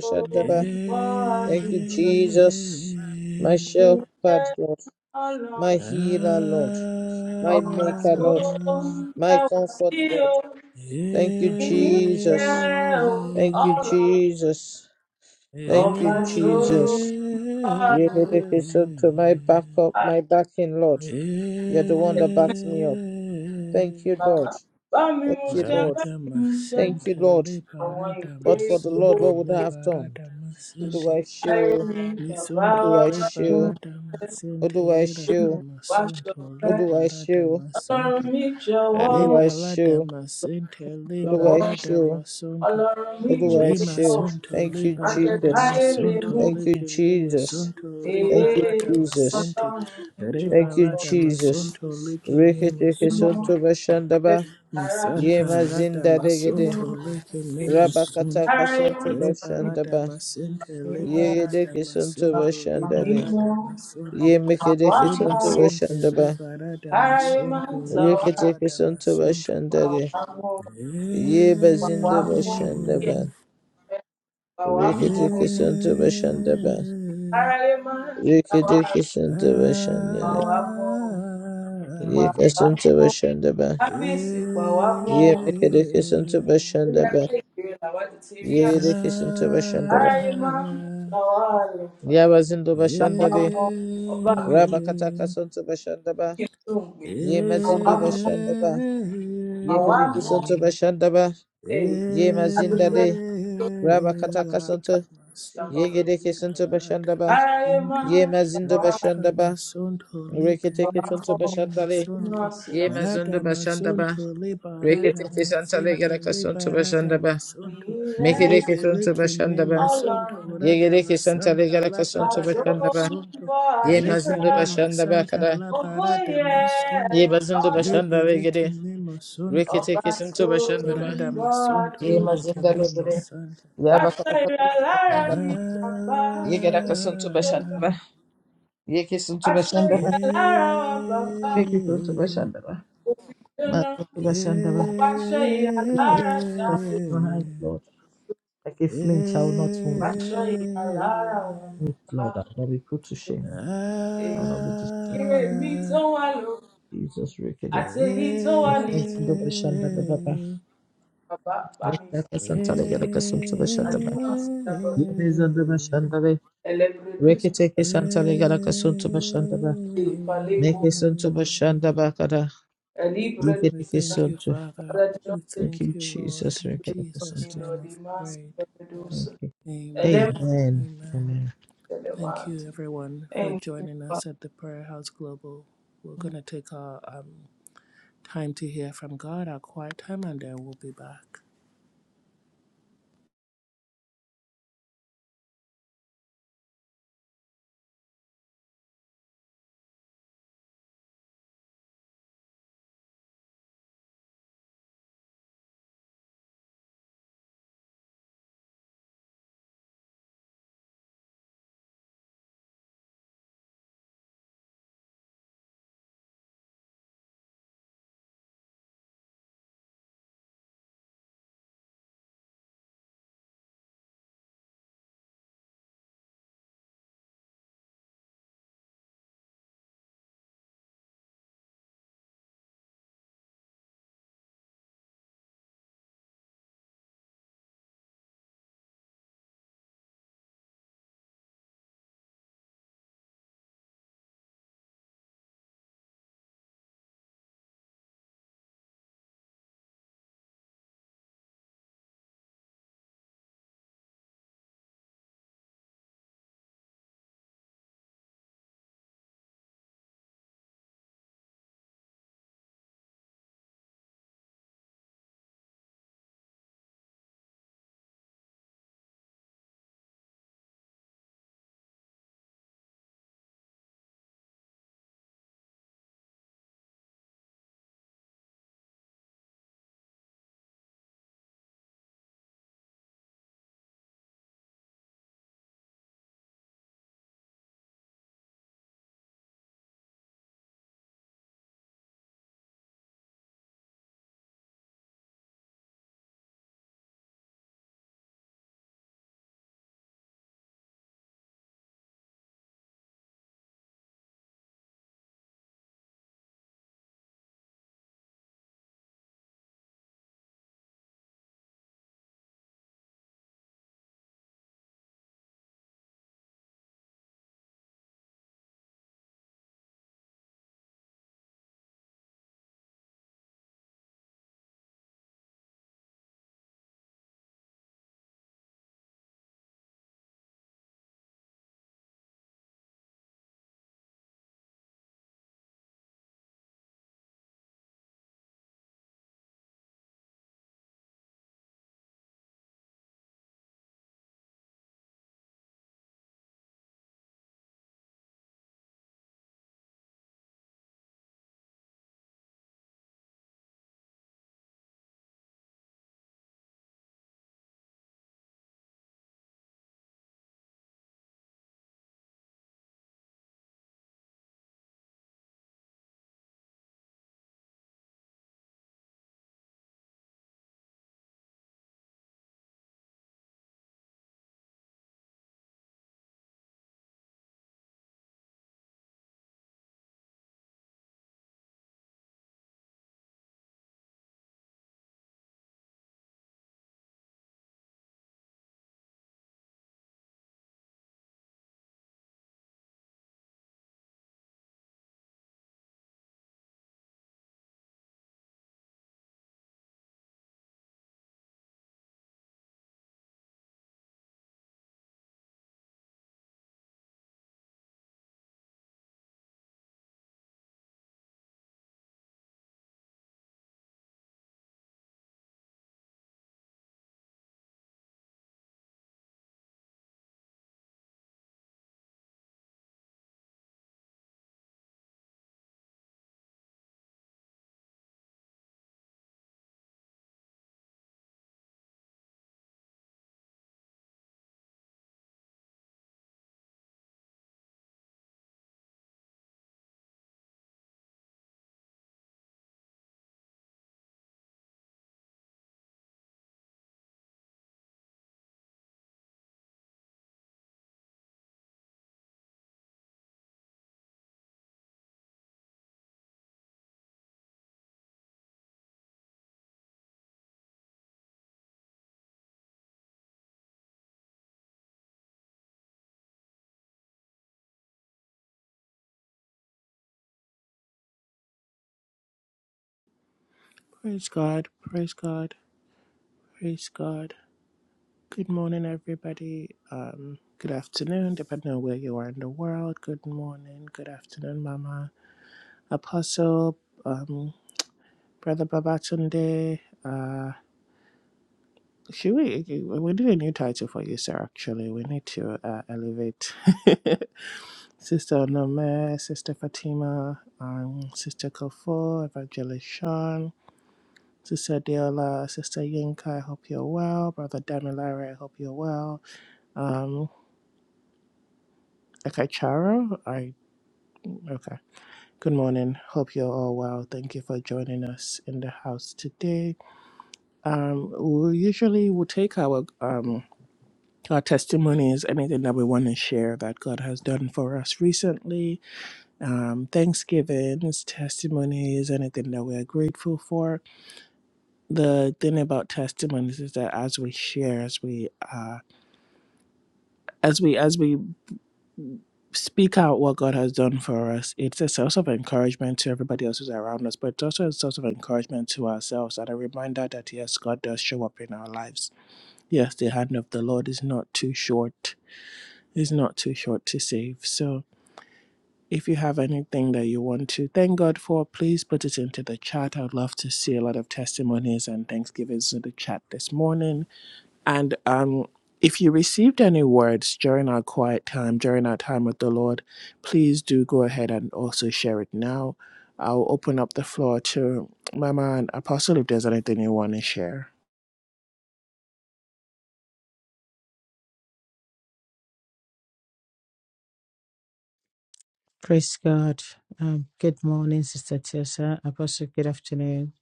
Speaker 3: ń
Speaker 2: Shandaba.
Speaker 3: bá a
Speaker 2: Thank you,
Speaker 3: dúpẹ́,
Speaker 2: Jesus. My
Speaker 3: ògo yẹ
Speaker 2: shepherd, Lord, My
Speaker 3: Ọlọ́run.
Speaker 2: healer, Lord. My
Speaker 3: Ọba
Speaker 2: maker,
Speaker 3: tó
Speaker 2: Lord.
Speaker 3: ń bá
Speaker 2: My
Speaker 3: wa
Speaker 2: comfort,
Speaker 3: sí
Speaker 2: Lord.
Speaker 3: o,
Speaker 2: Thank you,
Speaker 3: ìyí
Speaker 2: Jesus.
Speaker 3: yẹ ọ́,
Speaker 2: Thank you,
Speaker 3: Ọlọ́run.
Speaker 2: Jesus. Thank
Speaker 3: Ọba
Speaker 2: you,
Speaker 3: tó ń
Speaker 2: Jesus.
Speaker 3: bá a
Speaker 2: You made a
Speaker 3: dúpẹ́,
Speaker 2: decision to my backup, my
Speaker 3: àgbà
Speaker 2: backing, Lord. You're the one that backs me up. Thank you,
Speaker 3: bàbá.
Speaker 2: Lord.
Speaker 3: ba a baba ba mi
Speaker 2: Thank
Speaker 3: mú
Speaker 2: you,
Speaker 3: ṣe,
Speaker 2: Lord.
Speaker 3: bá mi mú ṣe,
Speaker 2: Thank you, Lord.
Speaker 3: àwọn
Speaker 2: But
Speaker 3: ìbéèrè
Speaker 2: for the Lord,
Speaker 3: gbogbo
Speaker 2: what would I have done? What do I
Speaker 3: Sushirayo
Speaker 2: show?
Speaker 3: bàbá
Speaker 2: What do
Speaker 3: wa
Speaker 2: I show? What do I show?
Speaker 3: wá
Speaker 2: What
Speaker 3: ṣọpẹ́.
Speaker 2: do I show?
Speaker 3: Ọlọ́run mi jọ̀wọ́
Speaker 2: What do
Speaker 3: o,
Speaker 2: I show? What do I
Speaker 3: jọ̀wọ́.
Speaker 2: show?
Speaker 3: Ọlọ́run mi
Speaker 2: What do I
Speaker 3: jọ̀wọ́
Speaker 2: show?
Speaker 3: o,
Speaker 2: Thank you,
Speaker 3: má jẹ́
Speaker 2: Jesus.
Speaker 3: káyé lè mú mi.
Speaker 2: Thank you, Jesus.
Speaker 3: Èé,
Speaker 2: Thank you, Jesus.
Speaker 3: Ọlọ́run mi
Speaker 2: Thank you,
Speaker 3: jọ̀wọ́
Speaker 2: Jesus. Reketeke
Speaker 3: mímọ́
Speaker 2: sonto bashandaba.
Speaker 3: lẹ́yìn ara
Speaker 2: Yema zinda
Speaker 3: ìwà mímọ́.
Speaker 2: degede.
Speaker 3: Èé,
Speaker 2: Rabakataka
Speaker 3: ara irun
Speaker 2: sonto
Speaker 3: tàbí
Speaker 2: bashandaba.
Speaker 3: mímọ́,
Speaker 2: Yegedeke sonto
Speaker 3: bàbá
Speaker 2: bashandale.
Speaker 3: mímọ́, àwa
Speaker 2: Yemekedeke
Speaker 3: mọ́
Speaker 2: sonto
Speaker 3: o.
Speaker 2: bashandaba.
Speaker 3: Ara irun tàwa,
Speaker 2: Reketeke sonto bashandale.
Speaker 3: àwa mọ́ o.
Speaker 2: Yeba zinda
Speaker 3: Bawambo,
Speaker 2: bashandaba.
Speaker 3: bawambo,
Speaker 2: Reketeke sonto bashandaba.
Speaker 3: aralema,
Speaker 2: Reketeke sonto bashandale.
Speaker 3: bawambo,
Speaker 2: Yeka sonto
Speaker 3: bawambo,
Speaker 2: bashandaba.
Speaker 3: kábíyèsí bawambo,
Speaker 2: Ye mekedekesen to
Speaker 3: lórí
Speaker 2: bashandaba.
Speaker 3: agbègbè làwádìí ti rí
Speaker 2: Ye
Speaker 3: àwọn
Speaker 2: dekesen to bashandaba.
Speaker 3: aralema, làwọn àlùfà,
Speaker 2: Ya wazindo bashandale.
Speaker 3: bawambo, ọba mi
Speaker 2: Rabakata kason to bashandaba.
Speaker 3: kíkì tó ń gbé,
Speaker 2: Ye mazindo
Speaker 3: bawambo,
Speaker 2: bashandaba. Ye
Speaker 3: bawambo,
Speaker 2: kedekesen to bashandaba.
Speaker 3: ee,
Speaker 2: Ye
Speaker 3: adúgbò
Speaker 2: mazindale. Rabakata
Speaker 3: ẹgbẹ́
Speaker 2: kason to. Ye
Speaker 3: ìjàmbọ̀dọ̀,
Speaker 2: kedekesen to bashandaba.
Speaker 3: aralema,
Speaker 2: Ye mazindo
Speaker 3: làwọn
Speaker 2: bashandaba. Reketekesen to
Speaker 3: bawambo,
Speaker 2: bashandale.
Speaker 3: àdúgbò
Speaker 2: Ye mazindo bashandaba. Reketekesen to le
Speaker 3: sílẹ̀,
Speaker 2: gedekesen to bashandaba. Mekedekesen to bashandaba.
Speaker 3: Ọlọ́run
Speaker 2: Ye gereke santa legara
Speaker 3: bá
Speaker 2: kasonto
Speaker 3: tó
Speaker 2: başanda
Speaker 3: ń
Speaker 2: ba.
Speaker 3: gbọ́
Speaker 2: Ye mazindo
Speaker 3: àdúrà
Speaker 2: başanda ba kada.
Speaker 3: ògo yẹ
Speaker 2: Ye bazindo
Speaker 3: Ọlọ́run
Speaker 2: başanda ve gere. Rekete
Speaker 3: ọba
Speaker 2: kesinto
Speaker 3: tó
Speaker 2: başanda ba.
Speaker 3: ń gbọ́
Speaker 2: Ye
Speaker 3: àdúrà.
Speaker 2: mazinda legere. Ya
Speaker 3: Aṣọ
Speaker 2: bakara
Speaker 3: ìrà
Speaker 2: kasonto
Speaker 3: lára
Speaker 2: başanda. ba.
Speaker 3: mi bàbá
Speaker 2: Ye gara
Speaker 3: òfin
Speaker 2: kasonto başanda
Speaker 3: jóná.
Speaker 2: ba. Ye kesinto
Speaker 3: Aṣọ
Speaker 2: başanda ba.
Speaker 3: ìrà lára wa bàbá
Speaker 2: Reke kesinto başanda ba.
Speaker 3: òfin jóná.
Speaker 2: Mazinda başanda
Speaker 3: Ó
Speaker 2: ba.
Speaker 3: paṣọ ìrà
Speaker 2: Ye gereke
Speaker 3: lára
Speaker 2: kesinto
Speaker 3: jáde.
Speaker 2: başanda Lord. Like a flinch, I will not move,
Speaker 3: Paṣọ ìrà lára wa
Speaker 2: move
Speaker 3: bàbá
Speaker 2: Lord.
Speaker 3: òfin
Speaker 2: I
Speaker 3: jóná.
Speaker 2: will not be put to shame. I will not be destroyed.
Speaker 3: Èrè mi tó wà lókè
Speaker 2: Jesus, Rekete.
Speaker 3: àti èyí tó wà
Speaker 2: Ye
Speaker 3: nítòsí
Speaker 2: mazindo başanda ba.
Speaker 3: bàbá bá mi. gbà.
Speaker 2: Rekete santale yara kasuntu başandaba.
Speaker 3: Almas Labrador,
Speaker 2: Yine zanda başandaba.
Speaker 3: el reproduce
Speaker 2: Rekete ke santale yara kasuntu başandaba.
Speaker 3: el
Speaker 2: Neke
Speaker 3: paleco,
Speaker 2: suntu başandaba kada.
Speaker 3: el libre de
Speaker 2: Yigete ke suntu.
Speaker 3: para de
Speaker 2: Thank
Speaker 3: los
Speaker 2: you, Jesus. Rekete kasuntu.
Speaker 3: lo demás reproduce.
Speaker 2: Thank you.
Speaker 3: And then
Speaker 2: Amen. Amen.
Speaker 3: relevant. Thank you. Father.
Speaker 2: Praise God. Um, good morning, Sister Tessa. Apostle, good afternoon.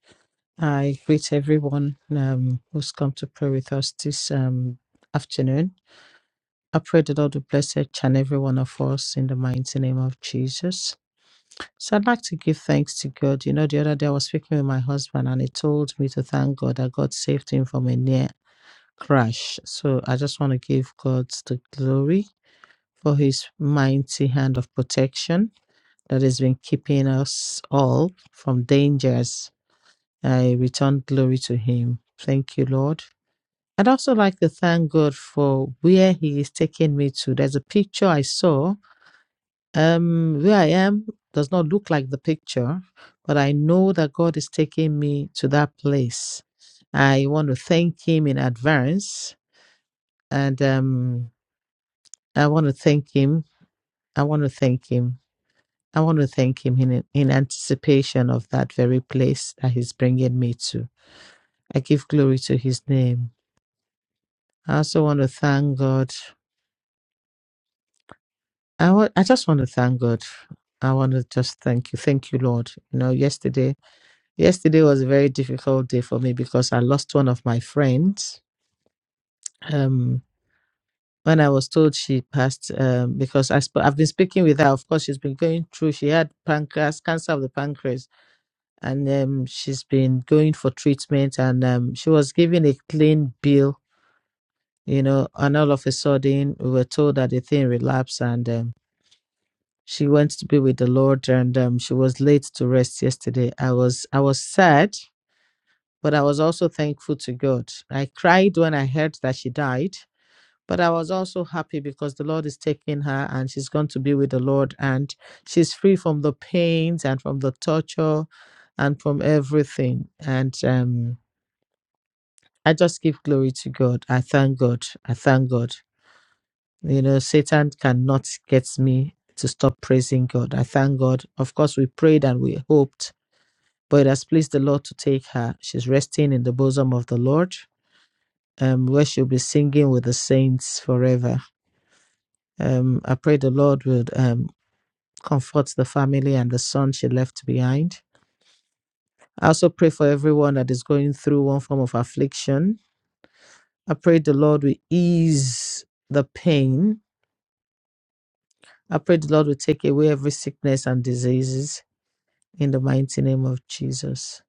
Speaker 2: I greet everyone um, who's come to pray with us this um, afternoon. I pray the Lord will bless each and every one of us in the mighty name of Jesus. So I'd like to give thanks to God. You know, the other day I was speaking with my husband and he told me to thank God that God saved him from a near crash. So I just want to give God the glory for his mighty hand of protection that has been keeping us all from dangers. I return glory to him. Thank you, Lord. I'd also like to thank God for where he is taking me to. There's a picture I saw um, where I am does not look like the picture, but I know that God is taking me to that place. I want to thank Him in advance, and um, I want to thank Him. I want to thank Him. I want to thank Him in in anticipation of that very place that He's bringing me to. I give glory to His name. I also want to thank God. I want. I just want to thank God. I want to just thank you. Thank you, Lord. You know, yesterday. Yesterday was a very difficult day for me because I lost one of my friends. Um, when I was told she passed, um, because I sp- I've been speaking with her. Of course, she's been going through. She had pancreas cancer of the pancreas, and um, she's been going for treatment. And um, she was given a clean bill, you know. And all of a sudden, we were told that the thing relapsed, and um, she went to be with the Lord. And um, she was late to rest yesterday. I was I was sad but I was also thankful to God. I cried when I heard that she died, but I was also happy because the Lord is taking her and she's going to be with the Lord and she's free from the pains and from the torture and from everything. And um, I just give glory to God. I thank God. I thank God. You know, Satan cannot get me to stop praising God. I thank God. Of course, we prayed and we hoped, but it has pleased the Lord to take her. She's resting in the bosom of the Lord um, where she'll be singing with the saints forever. Um, I pray the Lord would um, comfort the family and the son she left behind. I also pray for everyone that is going through one form of affliction. I pray the Lord will ease the pain. I pray the Lord will take away every sickness and diseases in the mighty name of Jesus.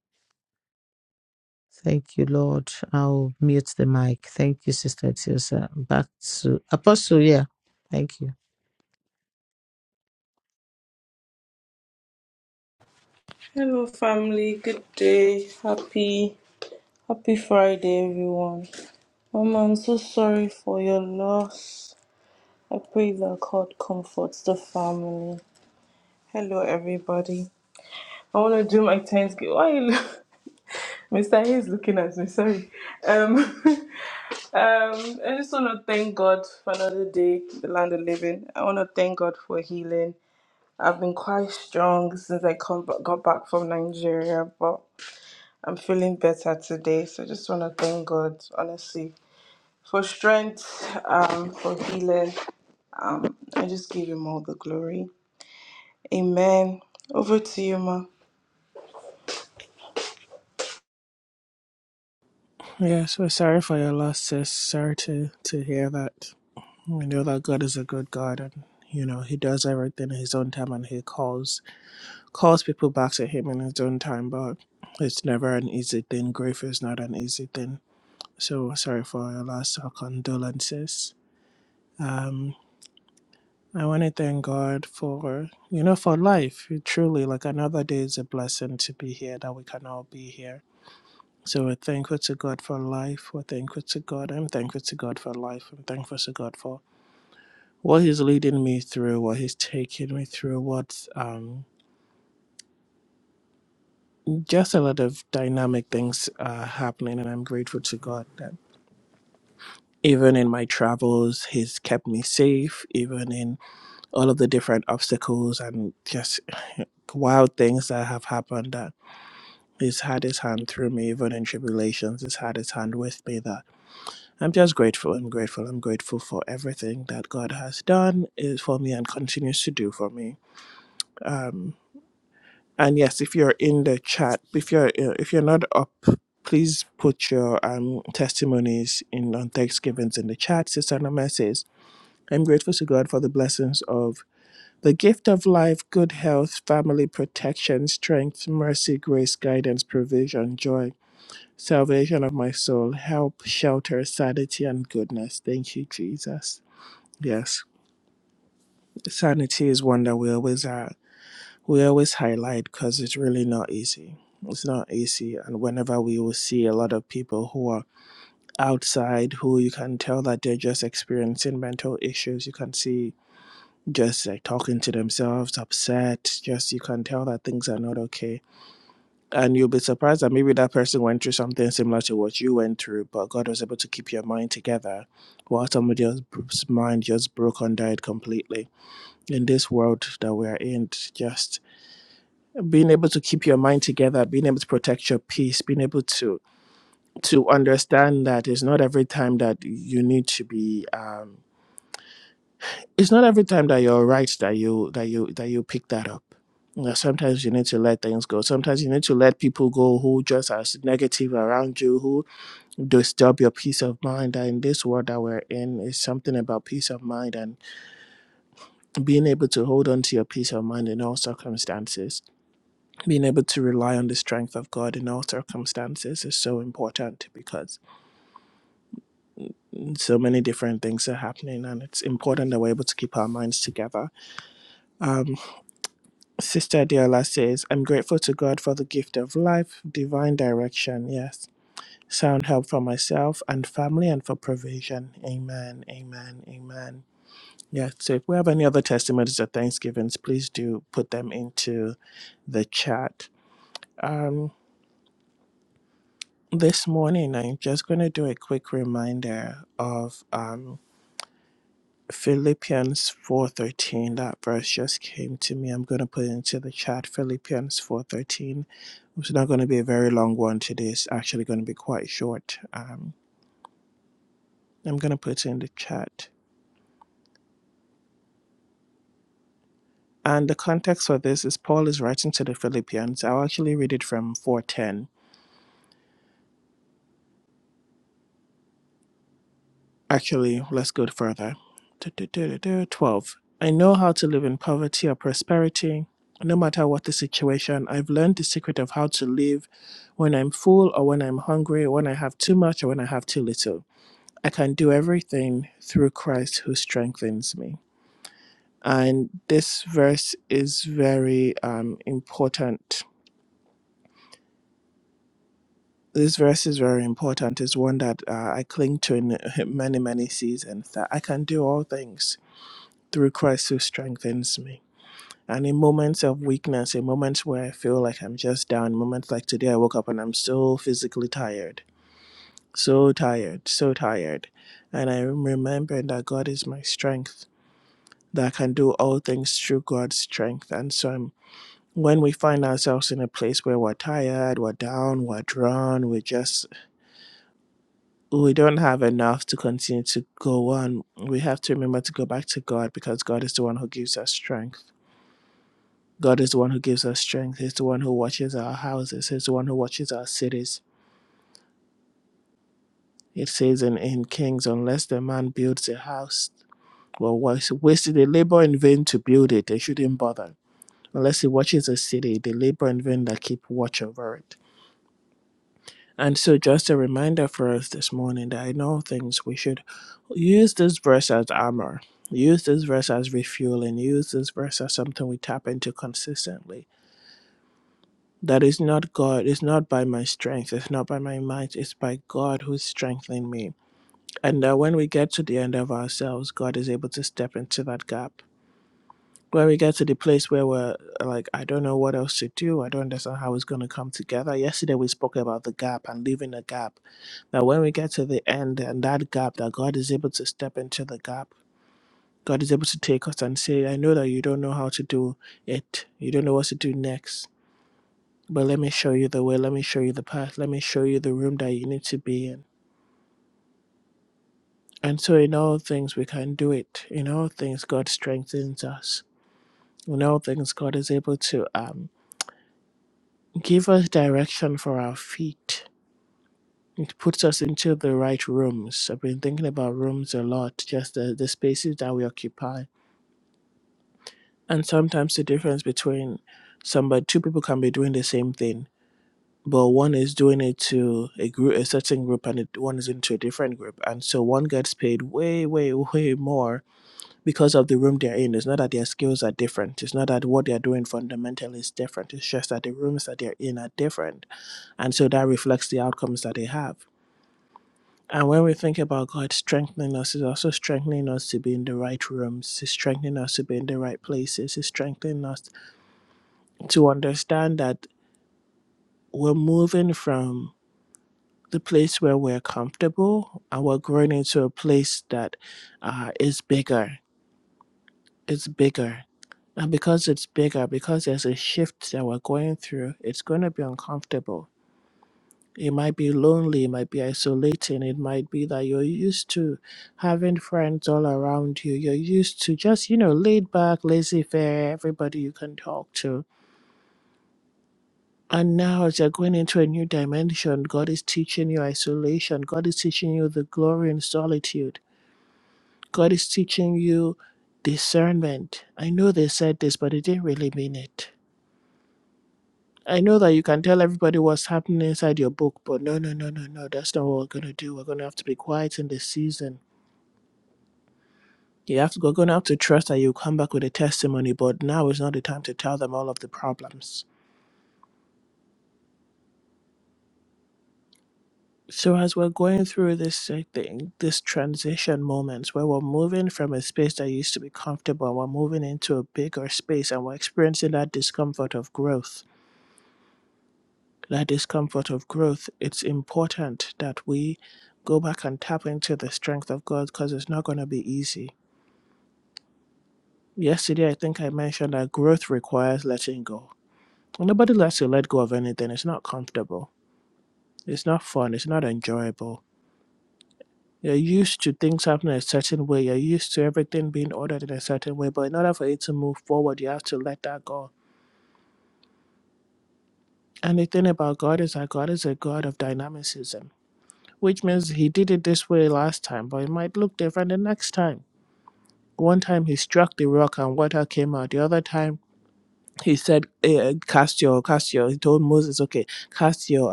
Speaker 2: Thank you, Lord. I'll mute the mic. Thank you, Sister Tiosa. Back to Apostle. Yeah. Thank you.
Speaker 3: Hello family, good day. Happy happy Friday everyone. Mama, I'm so sorry for your loss. I pray that God comforts the family. Hello everybody. I wanna do my thanksgiving. Why you look? Mr. A is looking at me, sorry. Um, um, I just want to thank God for another day, the land of living. I want to thank God for healing. I've been quite strong since I come, ba- got back from Nigeria, but I'm feeling better today. So I just want to thank God, honestly, for strength, um, for healing. Um, I just give Him all the glory. Amen. Over to you, Ma.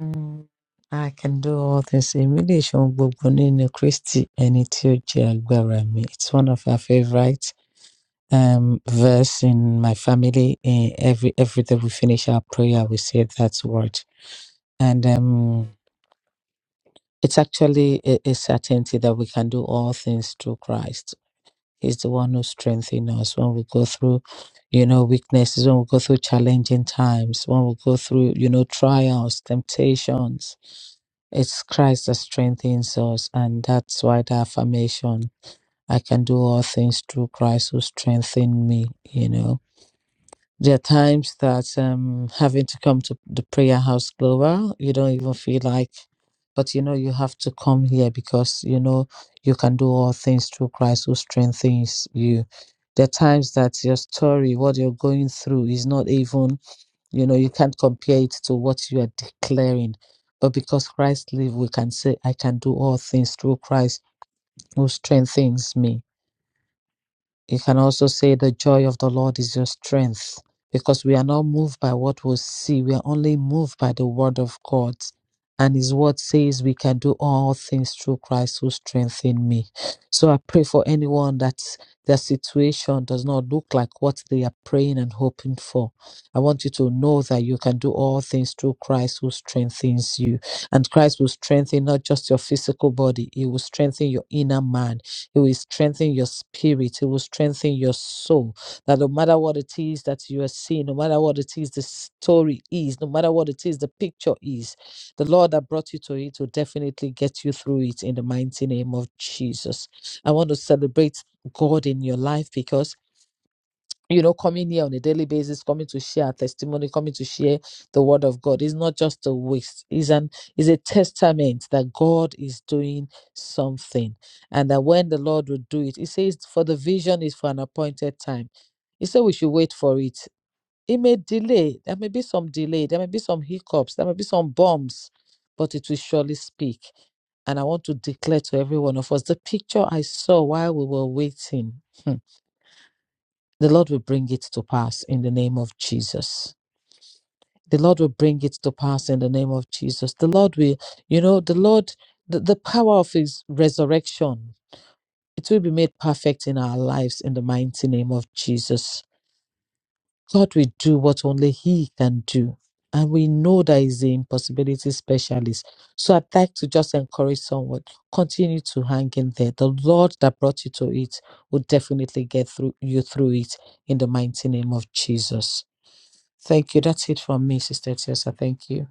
Speaker 2: Mm, I can do all things. Èmi lè ṣe ohun gbogbo nínú Kristi ẹni tí ó jẹ́ agbára mi. It's one of our favorite um, verse in my family. In every every day we finish our prayer, we say that word. And um, it's actually a, a certainty that we can do all things through Christ. He's the one who strengthens us when we go through, you know, weaknesses, when we go through challenging times, when we go through, you know, trials, temptations. It's Christ that strengthens us, and that's why the affirmation, I can do all things through Christ who strengthens me, you know there are times that um, having to come to the prayer house global, you don't even feel like, but you know, you have to come here because you know you can do all things through Christ who strengthens you. There are times that your story, what you're going through, is not even, you know, you can't compare it to what you are declaring. But because Christ lives, we can say, I can do all things through Christ who strengthens me you can also say the joy of the Lord is your strength because we are not moved by what we see. We are only moved by the word of God. And his word says we can do all things through Christ who strengthens me. So I pray for anyone that their situation does not look like what they are praying and hoping for. I want you to know that you can do all things through Christ who strengthens you. And Christ will strengthen not just your physical body, he will strengthen your inner man it will strengthen your spirit. It will strengthen your soul. That no matter what it is that you are seeing, no matter what it is the story is, no matter what it is the picture is, the Lord that brought you to it will definitely get you through it in the mighty name of Jesus. I want to celebrate God in your life because you know, coming here on a daily basis, coming to share our testimony, coming to share the word of God is not just a waste. Is an is a testament that God is doing something, and that when the Lord will do it, He says, "For the vision is for an appointed time." He said we should wait for it. It may delay. There may be some delay. There may be some hiccups. There may be some bumps, but it will surely speak. And I want to declare to every one of us the picture I saw while we were waiting. Hmm. The Lord will bring it to pass in the name of Jesus. The Lord will bring it to pass in the name of Jesus. The Lord will, you know, the Lord, the, the power of his resurrection, it will be made perfect in our lives in the mighty name of Jesus. God will do what only he can do. And we know that he's the impossibility specialist. So I'd like to just encourage someone, continue to hang in there. The Lord that brought you to it will definitely get through you through it in the mighty name of Jesus. Thank you. That's it from me, Sister Tessa. Thank you.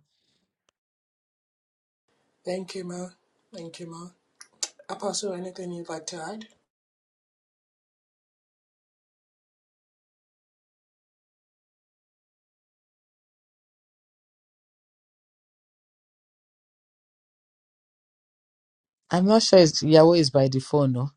Speaker 2: I'm not sure it's Yahweh is by the phone, no?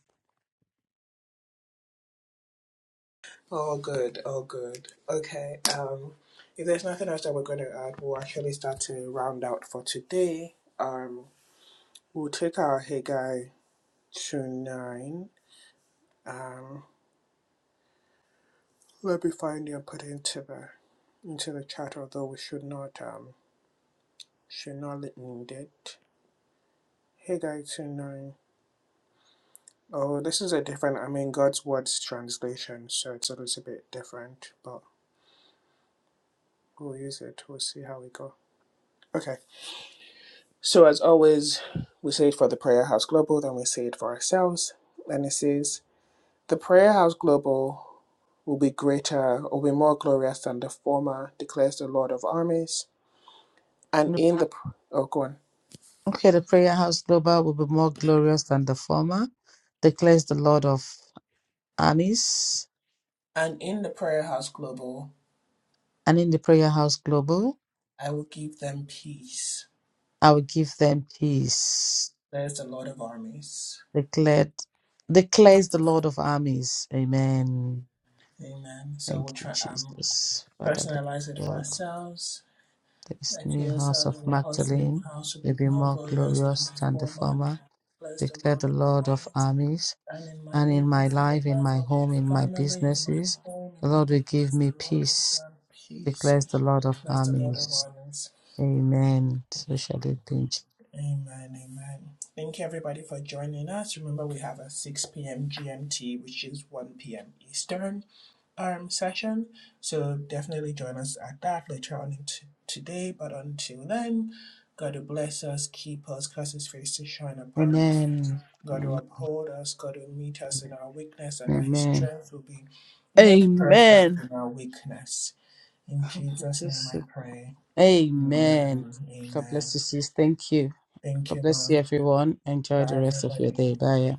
Speaker 2: No. Okay, the prayer house global will be more glorious than the former, declares the Lord of armies. And in the prayer house global, I will give them peace. declared declares the Lord of armies. Amen. Thank you, Jesus. Father Lord, this new house of Magdalene will be more glorious than the former, declare the Lord of armies. And in my life, in my home, in my businesses, the Lord will give me peace, declares the Lord of armies. Amen. So shall it be. Amen. Amen. Amen. Amen. God bless you, sis. Thank you. God bless you, everyone. Enjoy the rest of your day. Bye.